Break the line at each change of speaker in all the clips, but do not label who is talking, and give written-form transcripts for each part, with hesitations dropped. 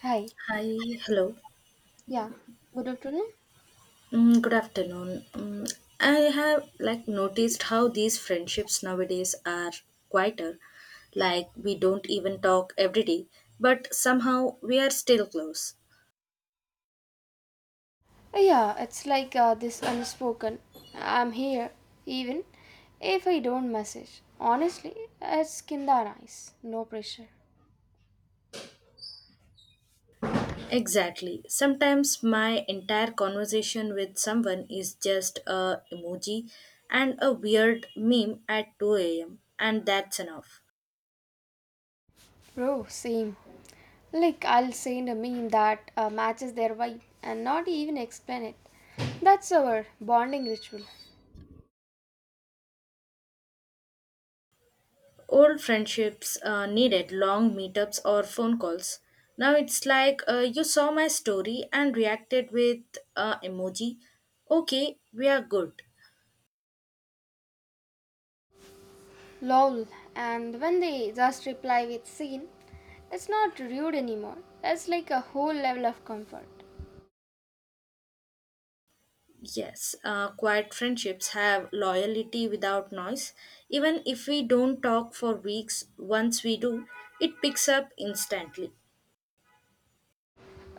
Hi.
Hi, hello.
Yeah. Good afternoon.
Good afternoon. I have like noticed how these friendships nowadays are quieter. Like we don't even talk every day, but somehow we are still close.
Yeah, it's like this unspoken. I'm here, even if I don't message. Honestly, it's kinda nice. No pressure.
Exactly. Sometimes my entire conversation with someone is just a emoji and a weird meme at 2 a.m. and that's enough.
Bro, same. Like, I'll send a meme that matches their vibe and not even explain it. That's our bonding ritual.
Old friendships needed long meetups or phone calls. Now it's like you saw my story and reacted with emoji. Okay, we are good.
Lol. And when they just reply with scene, it's not rude anymore. It's like a whole level of comfort.
Yes, quiet friendships have loyalty without noise. Even if we don't talk for weeks, once we do, it picks up instantly.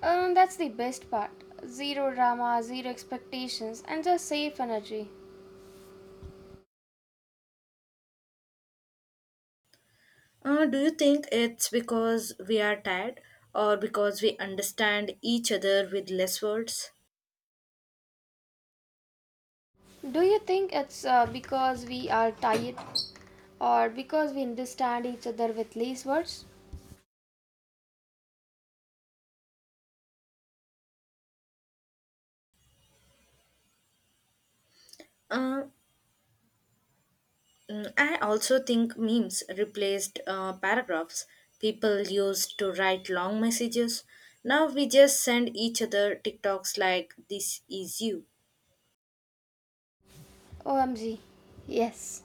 That's the best part. Zero drama, zero expectations, and just safe energy.
Do you think it's because we are tired or because we understand each other with less words?
Do you think it's because we are tired or because we understand each other with least words?
Uh, I also think memes replaced paragraphs people used to write long messages. Now we just send each other TikToks like, this is you.
OMG, yes.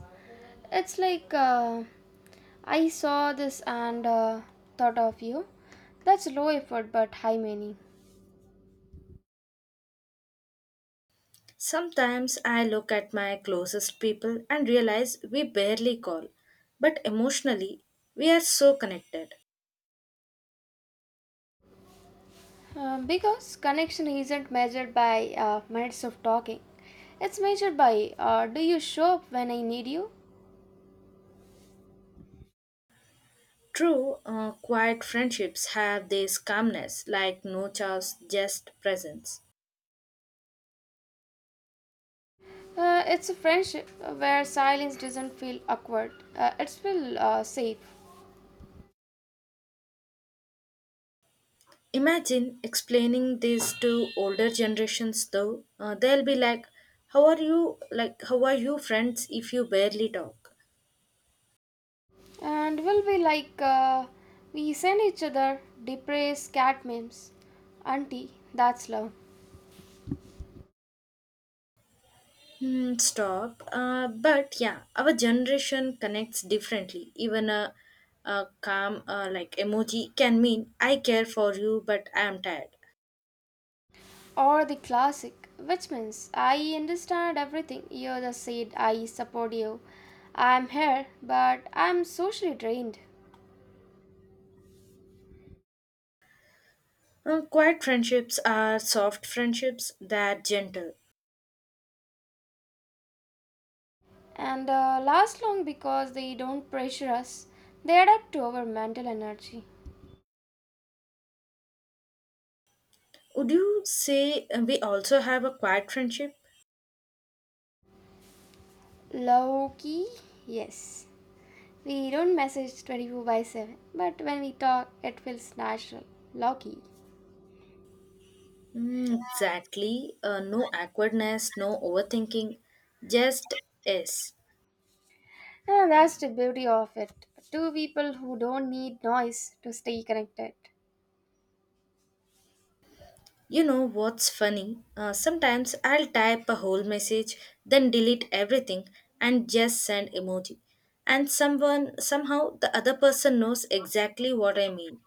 It's like I saw this and thought of you. That's low effort but high meaning.
Sometimes I look at my closest people and realize we barely call, but emotionally, we are so connected.
Because connection isn't measured by minutes of talking, it's measured by do you show up when I need you.
True, quiet friendships have this calmness like no chaos, just presence.
It's a friendship where silence doesn't feel awkward. It's feel safe,
Imagine explaining this to older generations though. They'll be like, how are you friends if you barely talk?
and we'll be like we send each other depressed cat memes, auntie. That's love,
Hmm, stop. But yeah, our generation connects differently. Even a calm like emoji can mean I care for you but I am tired.
or the classic, which means I understand everything you just said. I support you. I'm here, but I'm socially drained,
Quiet friendships are soft friendships that gentle.
and last long because they don't pressure us. They adapt to our mental energy.
Would you say we also have a quiet friendship?
Low key, yes. We don't message 24 by 7, but when we talk, it feels natural, lucky.
Mm, exactly. No awkwardness, no overthinking, just yes.
And that's the beauty of it. Two people who don't need noise to stay connected.
You know what's funny? Sometimes I'll type a whole message, then delete everything and just send emoji. And someone, somehow, the other person knows exactly what I mean.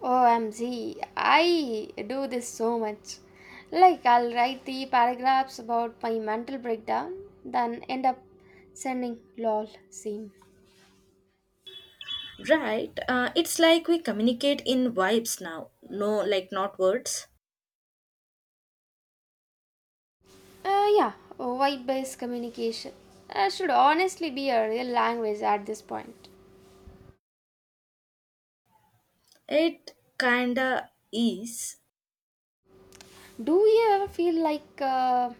OMG, I do this so much. Like, I'll write three paragraphs about my mental breakdown, then end up sending lol, same.
Right? It's like we communicate in vibes now. No, like not words.
Yeah, vibe based communication should honestly be a real language at this point.
It kinda is.
Do you ever feel like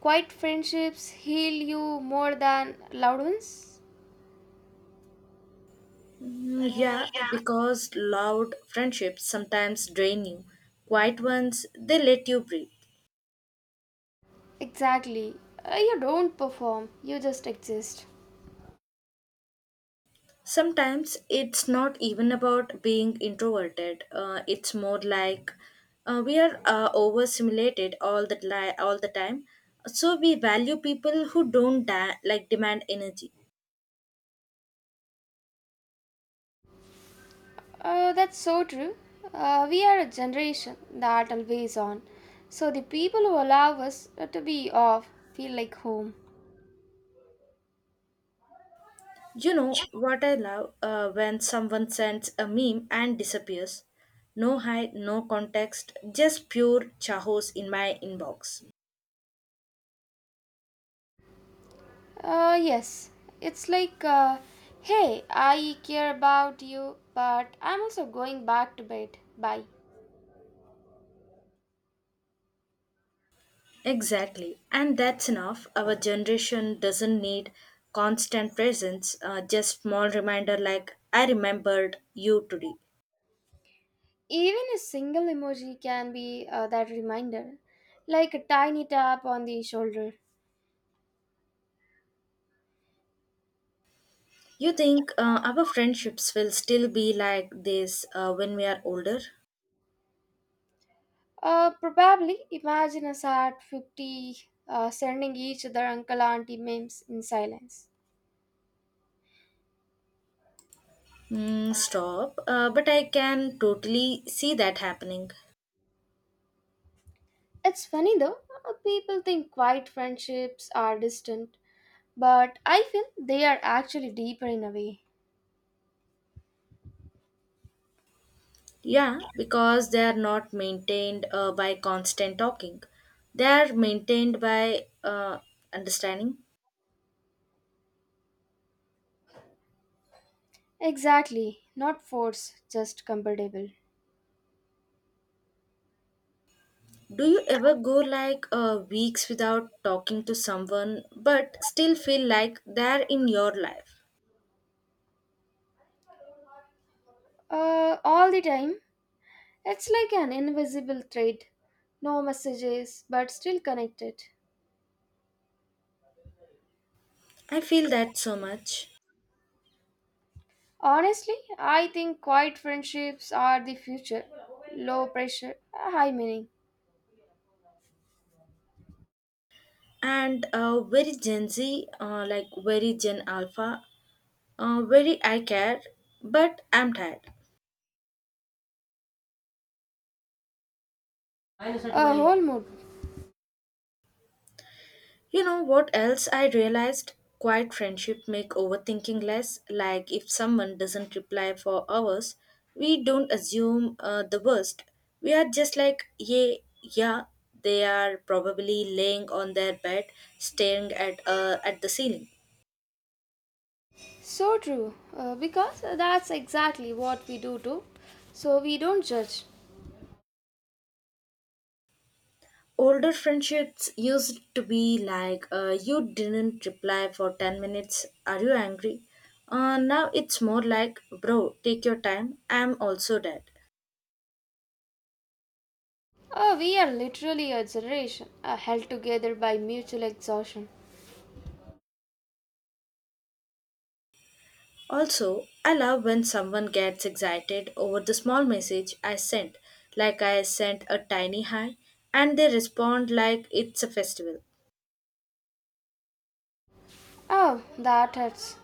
quiet friendships heal you more than loud ones?
Mm, yeah, because loud friendships sometimes drain you. Quiet ones, they let you breathe.
Exactly. You don't perform, you just exist.
Sometimes it's not even about being introverted. It's more like we are overstimulated all the time. So we value people who don't da- like demand energy.
That's so true. We are a generation that always on. So the people who allow us to be off feel like home.
You know what I love when someone sends a meme and disappears. No hide, no context, just pure chahos in my inbox.
Yes, it's like, hey, I care about you, but I'm also going back to bed. Bye.
Exactly. And that's enough. Our generation doesn't need constant presence, just small reminder like, I remembered you today.
Even a single emoji can be that reminder, like a tiny tap on the shoulder.
You think our friendships will still be like this when we are older?
Probably imagine us at 50 sending each other uncle auntie memes in silence.
Mm, stop. But I can totally see that happening.
It's funny though, people think quiet friendships are distant, but I feel they are actually deeper in a way.
Yeah, because they are not maintained by constant talking, they are maintained by understanding.
Exactly, not forced, just comfortable.
Do you ever go like weeks without talking to someone but still feel like they're in your life?
All the time. It's like an invisible thread, no messages, but still connected.
I feel that so much.
Honestly, I think quiet friendships are the future. Low pressure, high meaning.
And very Gen Z, like very Gen Alpha, very I care, but I'm tired.
A whole mood.
You know what else I realized? Quiet friendship make overthinking less. Like if someone doesn't reply for hours, we don't assume the worst. We are just like, yeah, yeah, they are probably laying on their bed, staring at the ceiling.
So true, because that's exactly what we do too. So we don't judge.
Older friendships used to be like, you didn't reply for 10 minutes. Are you angry? Now it's more like, bro, take your time. I'm also dead.
We are literally a generation held together by mutual exhaustion.
Also, I love when someone gets excited over the small message I sent, like I sent a tiny hi, and they respond like it's a festival.
Oh, that hurts.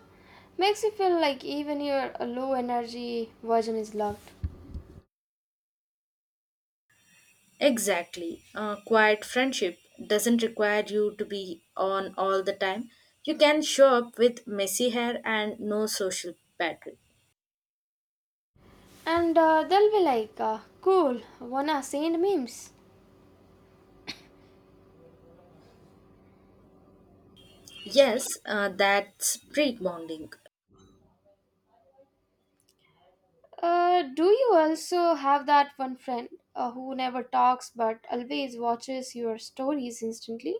Makes you feel like even your low energy version is loved.
Exactly. Quiet friendship doesn't require you to be on all the time. You can show up with messy hair and no social battery.
And they'll be like, cool, wanna send memes.
Yes, that's break bonding.
Do you also have that one friend who never talks but always watches your stories instantly?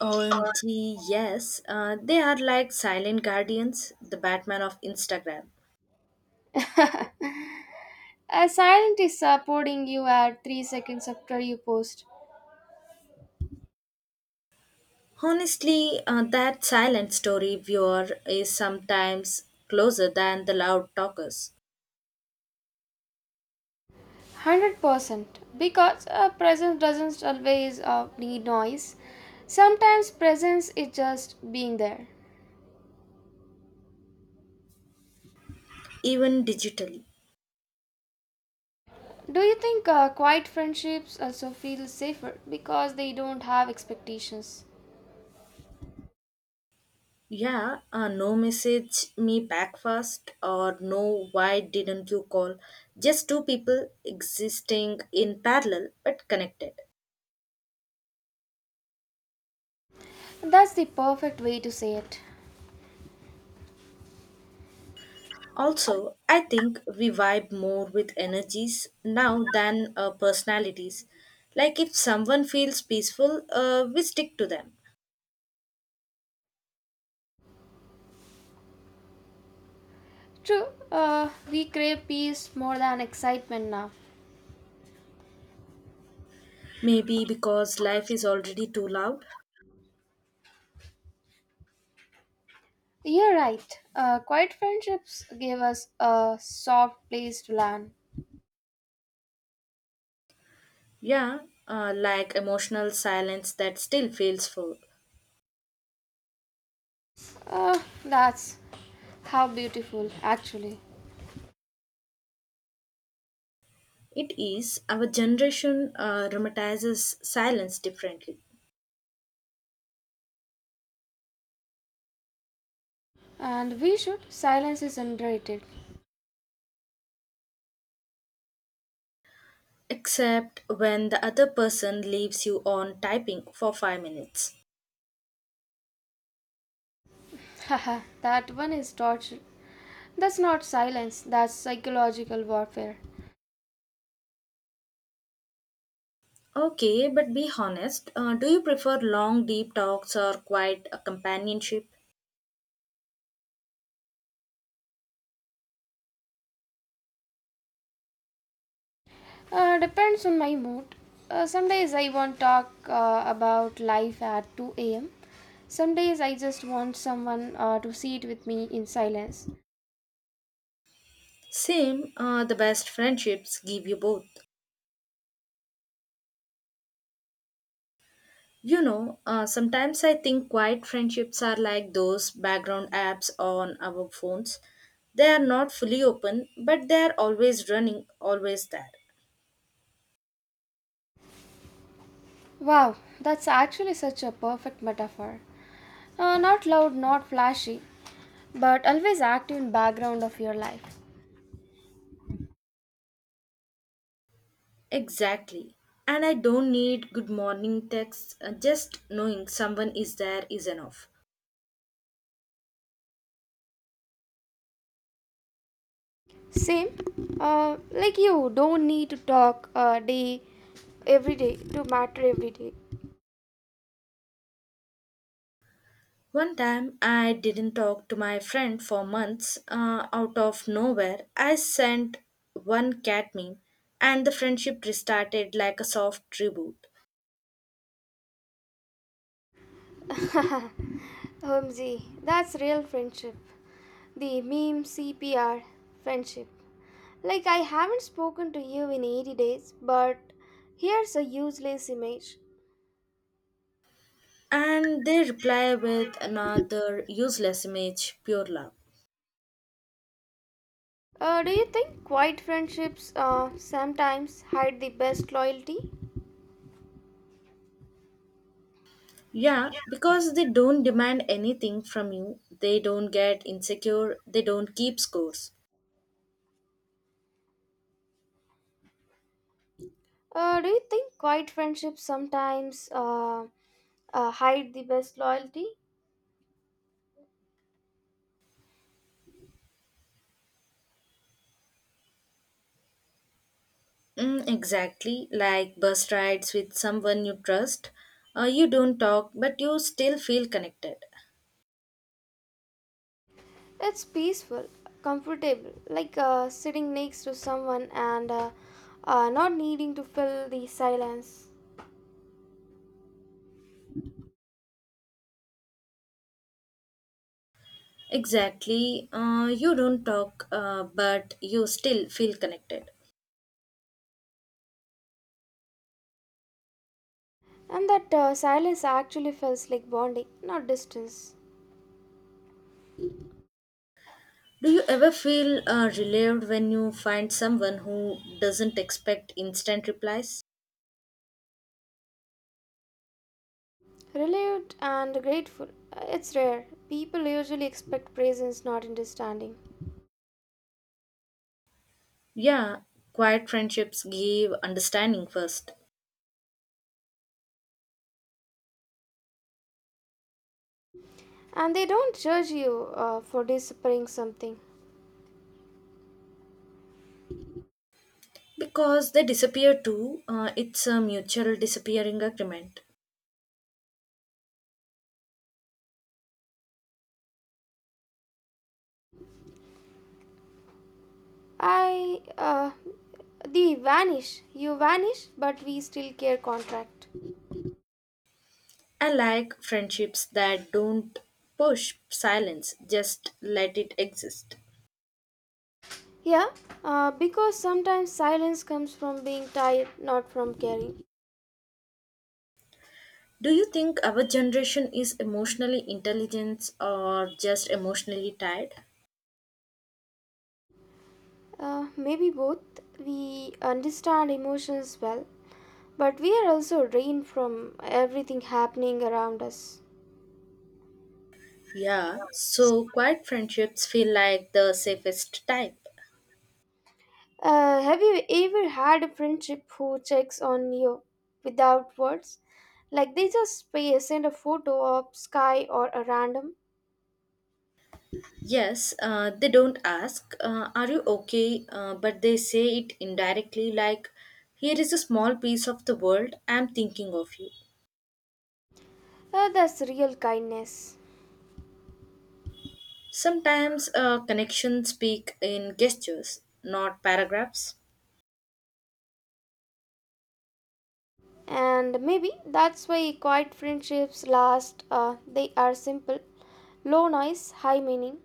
OMG, yes, they are like silent guardians, the Batman of Instagram.
A silent is supporting you at 3 seconds after you post.
Honestly, that silent story viewer is sometimes closer than the loud talkers,
100% because presence doesn't always need noise. Sometimes presence is just being there.
even digitally.
Do you think quiet friendships also feel safer because they don't have expectations?
Yeah, no message me back fast, or no, why didn't you call? Just two people existing in parallel but connected.
That's the perfect way to say it.
Also, I think we vibe more with energies now than personalities. Like if someone feels peaceful, we stick to them.
True, we crave peace more than excitement now.
Maybe because life is already too loud.
You're right. Quiet friendships give us a soft place to land.
Yeah, like emotional silence that still feels full.
Uh, that's how beautiful, actually.
It is our generation romanticizes silence differently,
And we should. Silence is underrated.
except when the other person leaves you on typing for 5 minutes.
Haha, that one is torture. That's not silence, that's psychological warfare.
Okay, but be honest. Do you prefer long, deep talks or quiet companionship?
Depends on my mood. Some days I want talk about life at 2 a.m. Some days I just want someone to sit with me in silence.
Same, the best friendships give you both. You know, sometimes I think quiet friendships are like those background apps on our phones. They are not fully open, but they are always running, always there.
Wow, that's actually such a perfect metaphor. Not loud, not flashy, but always active in background of your life.
Exactly. And I don't need good morning texts, just knowing someone is there is enough.
Same, like you don't need to talk a day every day to matter every day.
One time I didn't talk to my friend for months out of nowhere. I sent one cat meme and the friendship restarted like a soft reboot.
Homsy, that's real friendship. The meme CPR friendship. Like, I haven't spoken to you in 80 days, but here's a useless image.
And they reply with another useless image, pure love.
Do you think quiet friendships sometimes hide the best loyalty?
Yeah, because they don't demand anything from you, they don't get insecure, they don't keep scores.
Do you think quiet friendships sometimes hide the best loyalty?
Mm, exactly, like bus rides with someone you trust. You don't talk, but you still feel connected.
It's peaceful, comfortable, like sitting next to someone and not needing to fill the silence.
Exactly, you don't talk, but you still feel connected.
And that silence actually feels like bonding, not distance.
Do you ever feel relieved when you find someone who doesn't expect instant replies?
Relieved and grateful. It's rare. People usually expect presence, not understanding.
Yeah, quiet friendships give understanding first
And they don't judge you for disappearing something.
because they disappear too. It's a mutual disappearing agreement.
I. The vanish. You vanish, but we still care contract.
I like friendships that don't push silence, just let it exist.
Yeah, because sometimes silence comes from being tired, not from caring.
Do you think our generation is emotionally intelligent or just emotionally tired?
Maybe both. We understand emotions well, but we are also drained from everything happening around us.
Yeah, so quiet friendships feel like the safest type.
Have you ever had a friendship who checks on you without words? Like they just pay, send a photo of sky or a random?
Yes, they don't ask, are you okay? But they say it indirectly, like, here is a small piece of the world, I'm thinking of you.
That's real kindness.
Sometimes connections speak in gestures, not paragraphs.
And maybe that's why quiet friendships last. They are simple, low noise, high meaning.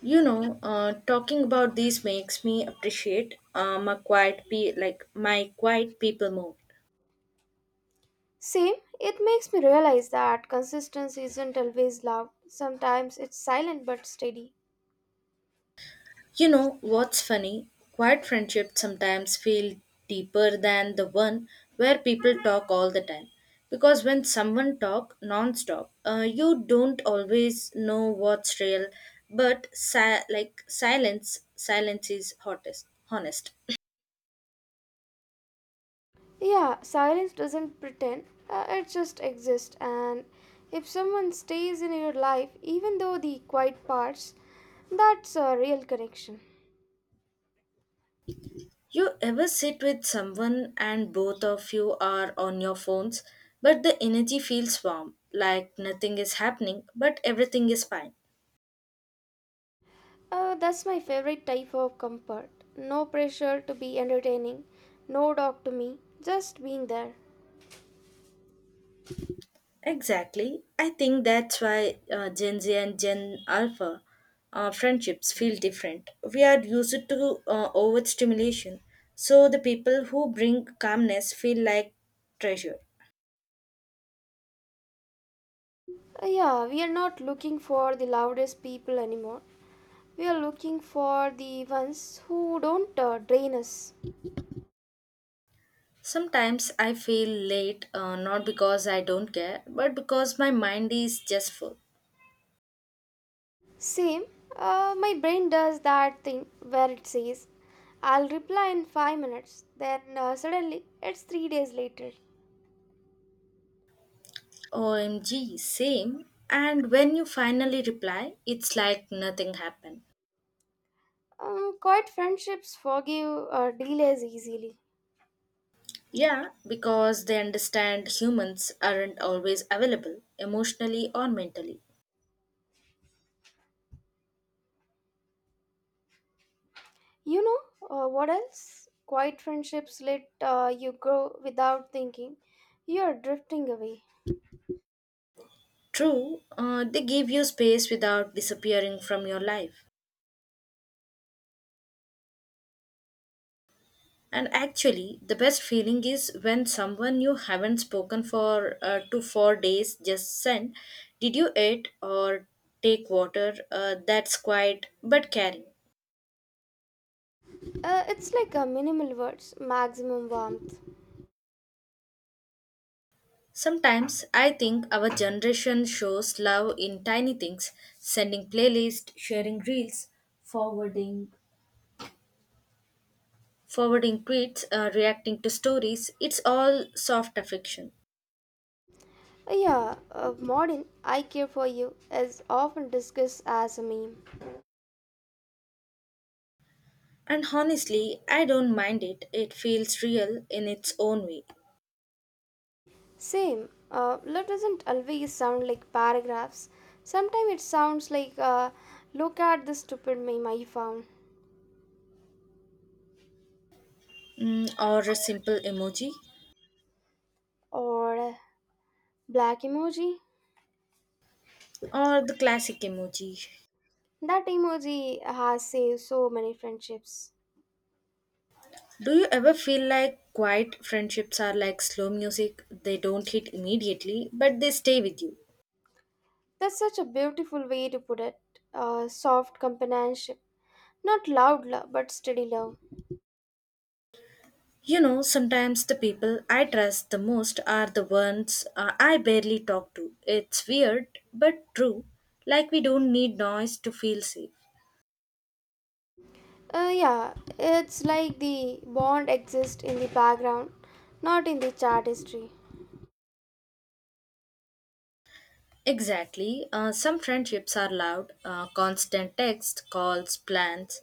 You know, talking about these makes me appreciate my like my quiet people more.
Same, it makes me realize that consistency isn't always loud. Sometimes it's silent but steady.
You know what's funny? Quiet friendships sometimes feel deeper than the one where people talk all the time. Because when someone talk non-stop, you don't always know what's real, but like silence is hottest, honest.
Yeah, silence doesn't pretend, it just exists. And if someone stays in your life, even though the quiet parts, that's a real connection.
You ever sit with someone and both of you are on your phones, but the energy feels warm, like nothing is happening, but everything is fine.
That's my favorite type of comfort. No pressure to be entertaining, no dog to me, just being there.
Exactly. I think that's why Gen Z and Gen Alpha friendships feel different. We are used to overstimulation, so the people who bring calmness feel like treasure.
Yeah, we are not looking for the loudest people anymore. We are looking for the ones who don't drain us.
Sometimes I feel late, not because I don't care, but because my mind is just full.
Same, my brain does that thing where it says, I'll reply in 5 minutes, then suddenly it's 3 days later.
OMG, same. And when you finally reply, it's like nothing happened.
Quiet friendships forgive delays easily.
Yeah, because they understand humans aren't always available emotionally or mentally.
You know what else? Quiet friendships let you grow without thinking. You are drifting away.
True, they give you space without disappearing from your life. And actually, the best feeling is when someone you haven't spoken for to 4 days just send, did you eat or take water? That's quiet but caring.
It's like a minimal words, maximum warmth.
Sometimes I think our generation shows love in tiny things, sending playlists, sharing reels, forwarding forwarding tweets, reacting to stories, it's all soft affection.
Yeah, modern "I care for you" is often discussed as a meme.
And honestly, I don't mind it. It feels real in its own way.
Same. Love doesn't always sound like paragraphs. Sometimes it sounds like, look at this stupid meme I found.
Mm, or a simple emoji,
Or black emoji.
or the classic emoji.
That emoji has saved so many friendships.
Do you ever feel like quiet friendships are like slow music? They don't hit immediately, but they stay with you.
That's such a beautiful way to put it. Soft companionship. Not loud love, but steady love.
You know, sometimes the people I trust the most are the ones I barely talk to. It's weird, but true. Like we don't need noise to feel safe.
Yeah, it's like the bond exists in the background, not in the chat history.
Exactly. Some friendships are loud, constant texts, calls, plans.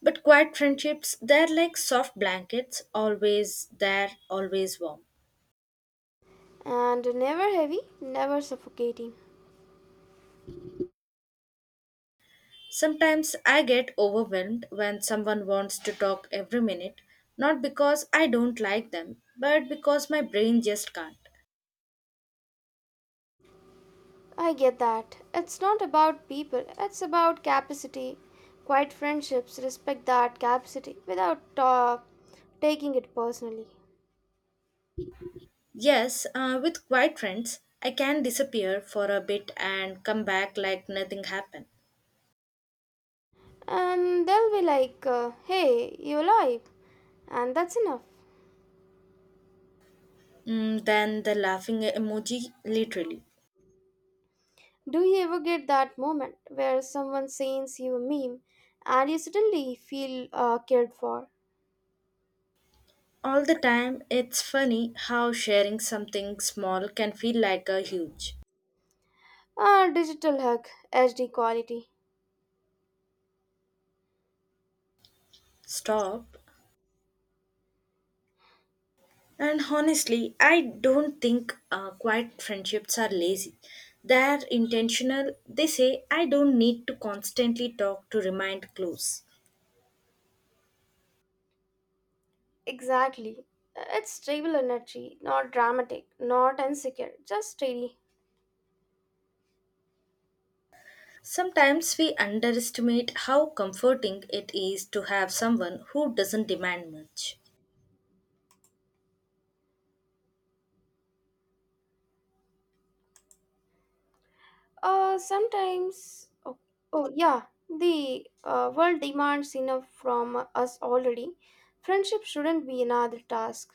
But quiet friendships, they're like soft blankets, always there, always warm.
And never heavy, never suffocating.
Sometimes I get overwhelmed when someone wants to talk every minute, not because I don't like them, but because my brain just can't.
I get that. It's not about people, it's about capacity. Quiet friendships respect that capacity without taking it personally.
Yes, with quiet friends, I can disappear for a bit and come back like nothing happened.
And they'll be like, hey, you alive? And that's enough.
Mm, then the laughing emoji, literally.
Do you ever get that moment where someone sends you a meme and you suddenly feel cared for?
All the time, it's funny how sharing something small can feel like a huge
A digital hug, HD quality.
stop. And honestly, I don't think quiet friendships are lazy. They're intentional. They say, I don't need to constantly talk to remain close.
Exactly. It's stable energy, not dramatic, not insecure, just steady.
Sometimes we underestimate how comforting it is to have someone who doesn't demand much.
Sometimes, oh yeah, the world demands enough from us already. Friendship shouldn't be another task.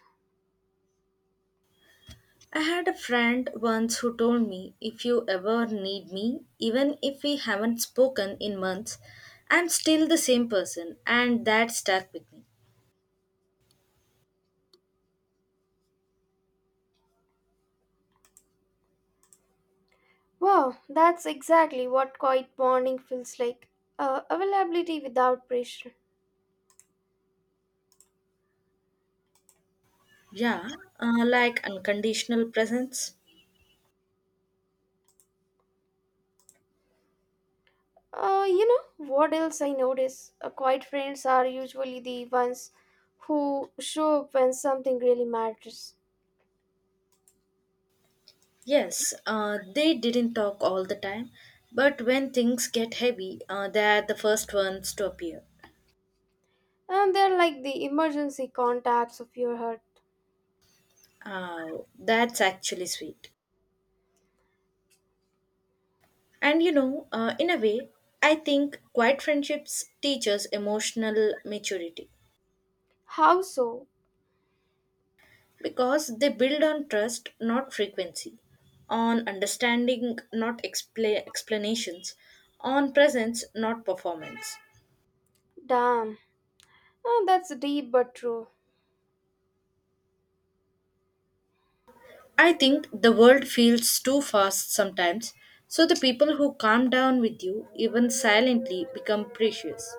I had a friend once who told me, if you ever need me, even if we haven't spoken in months, I'm still the same person, and that stuck with me.
Wow, that's exactly what quiet bonding feels like. Availability without pressure.
Yeah, like unconditional presence.
You know what else I notice? Quiet friends are usually the ones who show up when something really matters.
Yes, they didn't talk all the time, but when things get heavy, they're the first ones to appear.
And they're like the emergency contacts of your heart.
Oh, that's actually sweet. And you know, in a way, I think quiet friendships teach us emotional maturity.
How so?
Because they build on trust, not frequency, on understanding, not explanations, on presence, not performance.
Damn. Oh, that's deep but true.
I think the world feels too fast sometimes, so the people who calm down with you, even silently, become precious.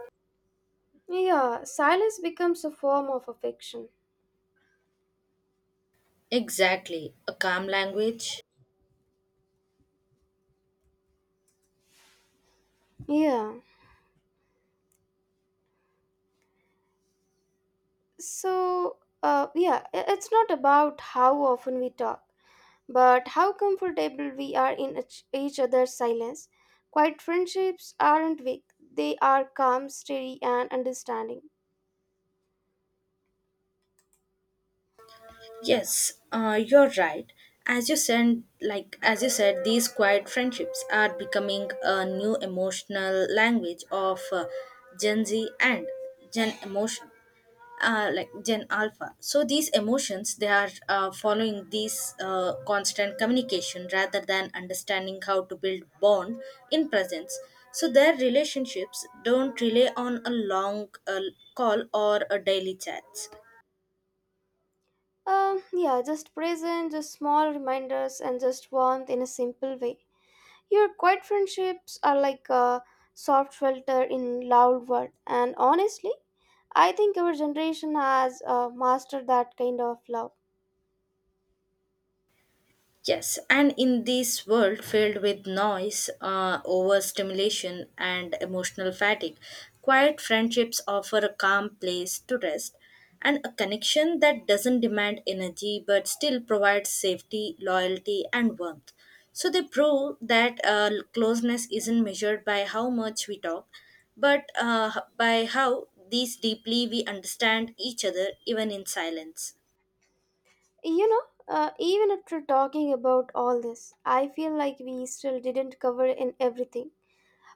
Yeah, silence becomes a form of affection.
Exactly, a calm language.
Yeah. So, yeah, it's not about how often we talk, but how comfortable we are in each other's silence. Quiet friendships aren't weak, they are calm, steady, and understanding.
Yes, you're right. As you said, these quiet friendships are becoming a new emotional language of Gen Z and Gen emotion, like Gen Alpha. So these emotions they are following these constant communication rather than understanding how to build bond in presence. So their relationships don't rely on a long call or a daily chats.
Yeah, just present, just small reminders, and just warmth in a simple way. Your quiet friendships are like a soft shelter in loud world, and honestly, I think our generation has mastered that kind of love.
Yes, and in this world filled with noise, overstimulation, and emotional fatigue, quiet friendships offer a calm place to rest and a connection that doesn't demand energy but still provides safety, loyalty, and warmth. So they prove that closeness isn't measured by how much we talk, but by how these deeply we understand each other even in silence.
You know, even after talking about all this, I feel like we still didn't cover in everything.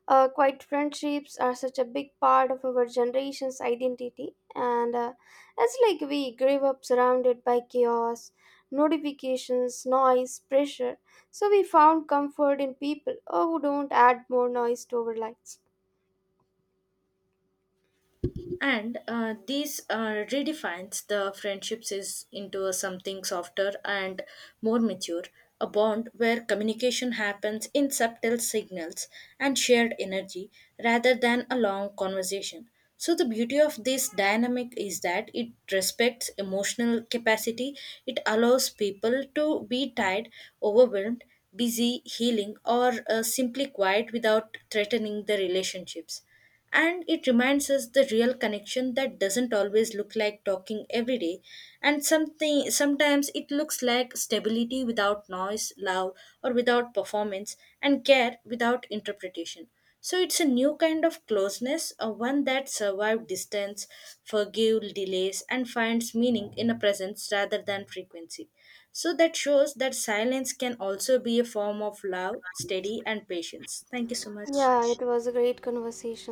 Quite friendships are such a big part of our generation's identity, and it's like we grew up surrounded by chaos, notifications, noise, pressure. So we found comfort in people who don't add more noise to our lives.
And these redefines the friendships is into a something softer and more mature, a bond where communication happens in subtle signals and shared energy rather than a long conversation. So the beauty of this dynamic is that it respects emotional capacity. It allows people to be tired, overwhelmed, busy healing, or simply quiet without threatening the relationships. And it reminds us the real connection that doesn't always look like talking every day, and something sometimes it looks like stability without noise, love or without performance, and care without interpretation. So it's a new kind of closeness, a one that survives distance, forgive delays, and finds meaning in a presence rather than frequency. So that shows that silence can also be a form of love, steady and patience. Thank you so much.
Yeah, it was a great conversation.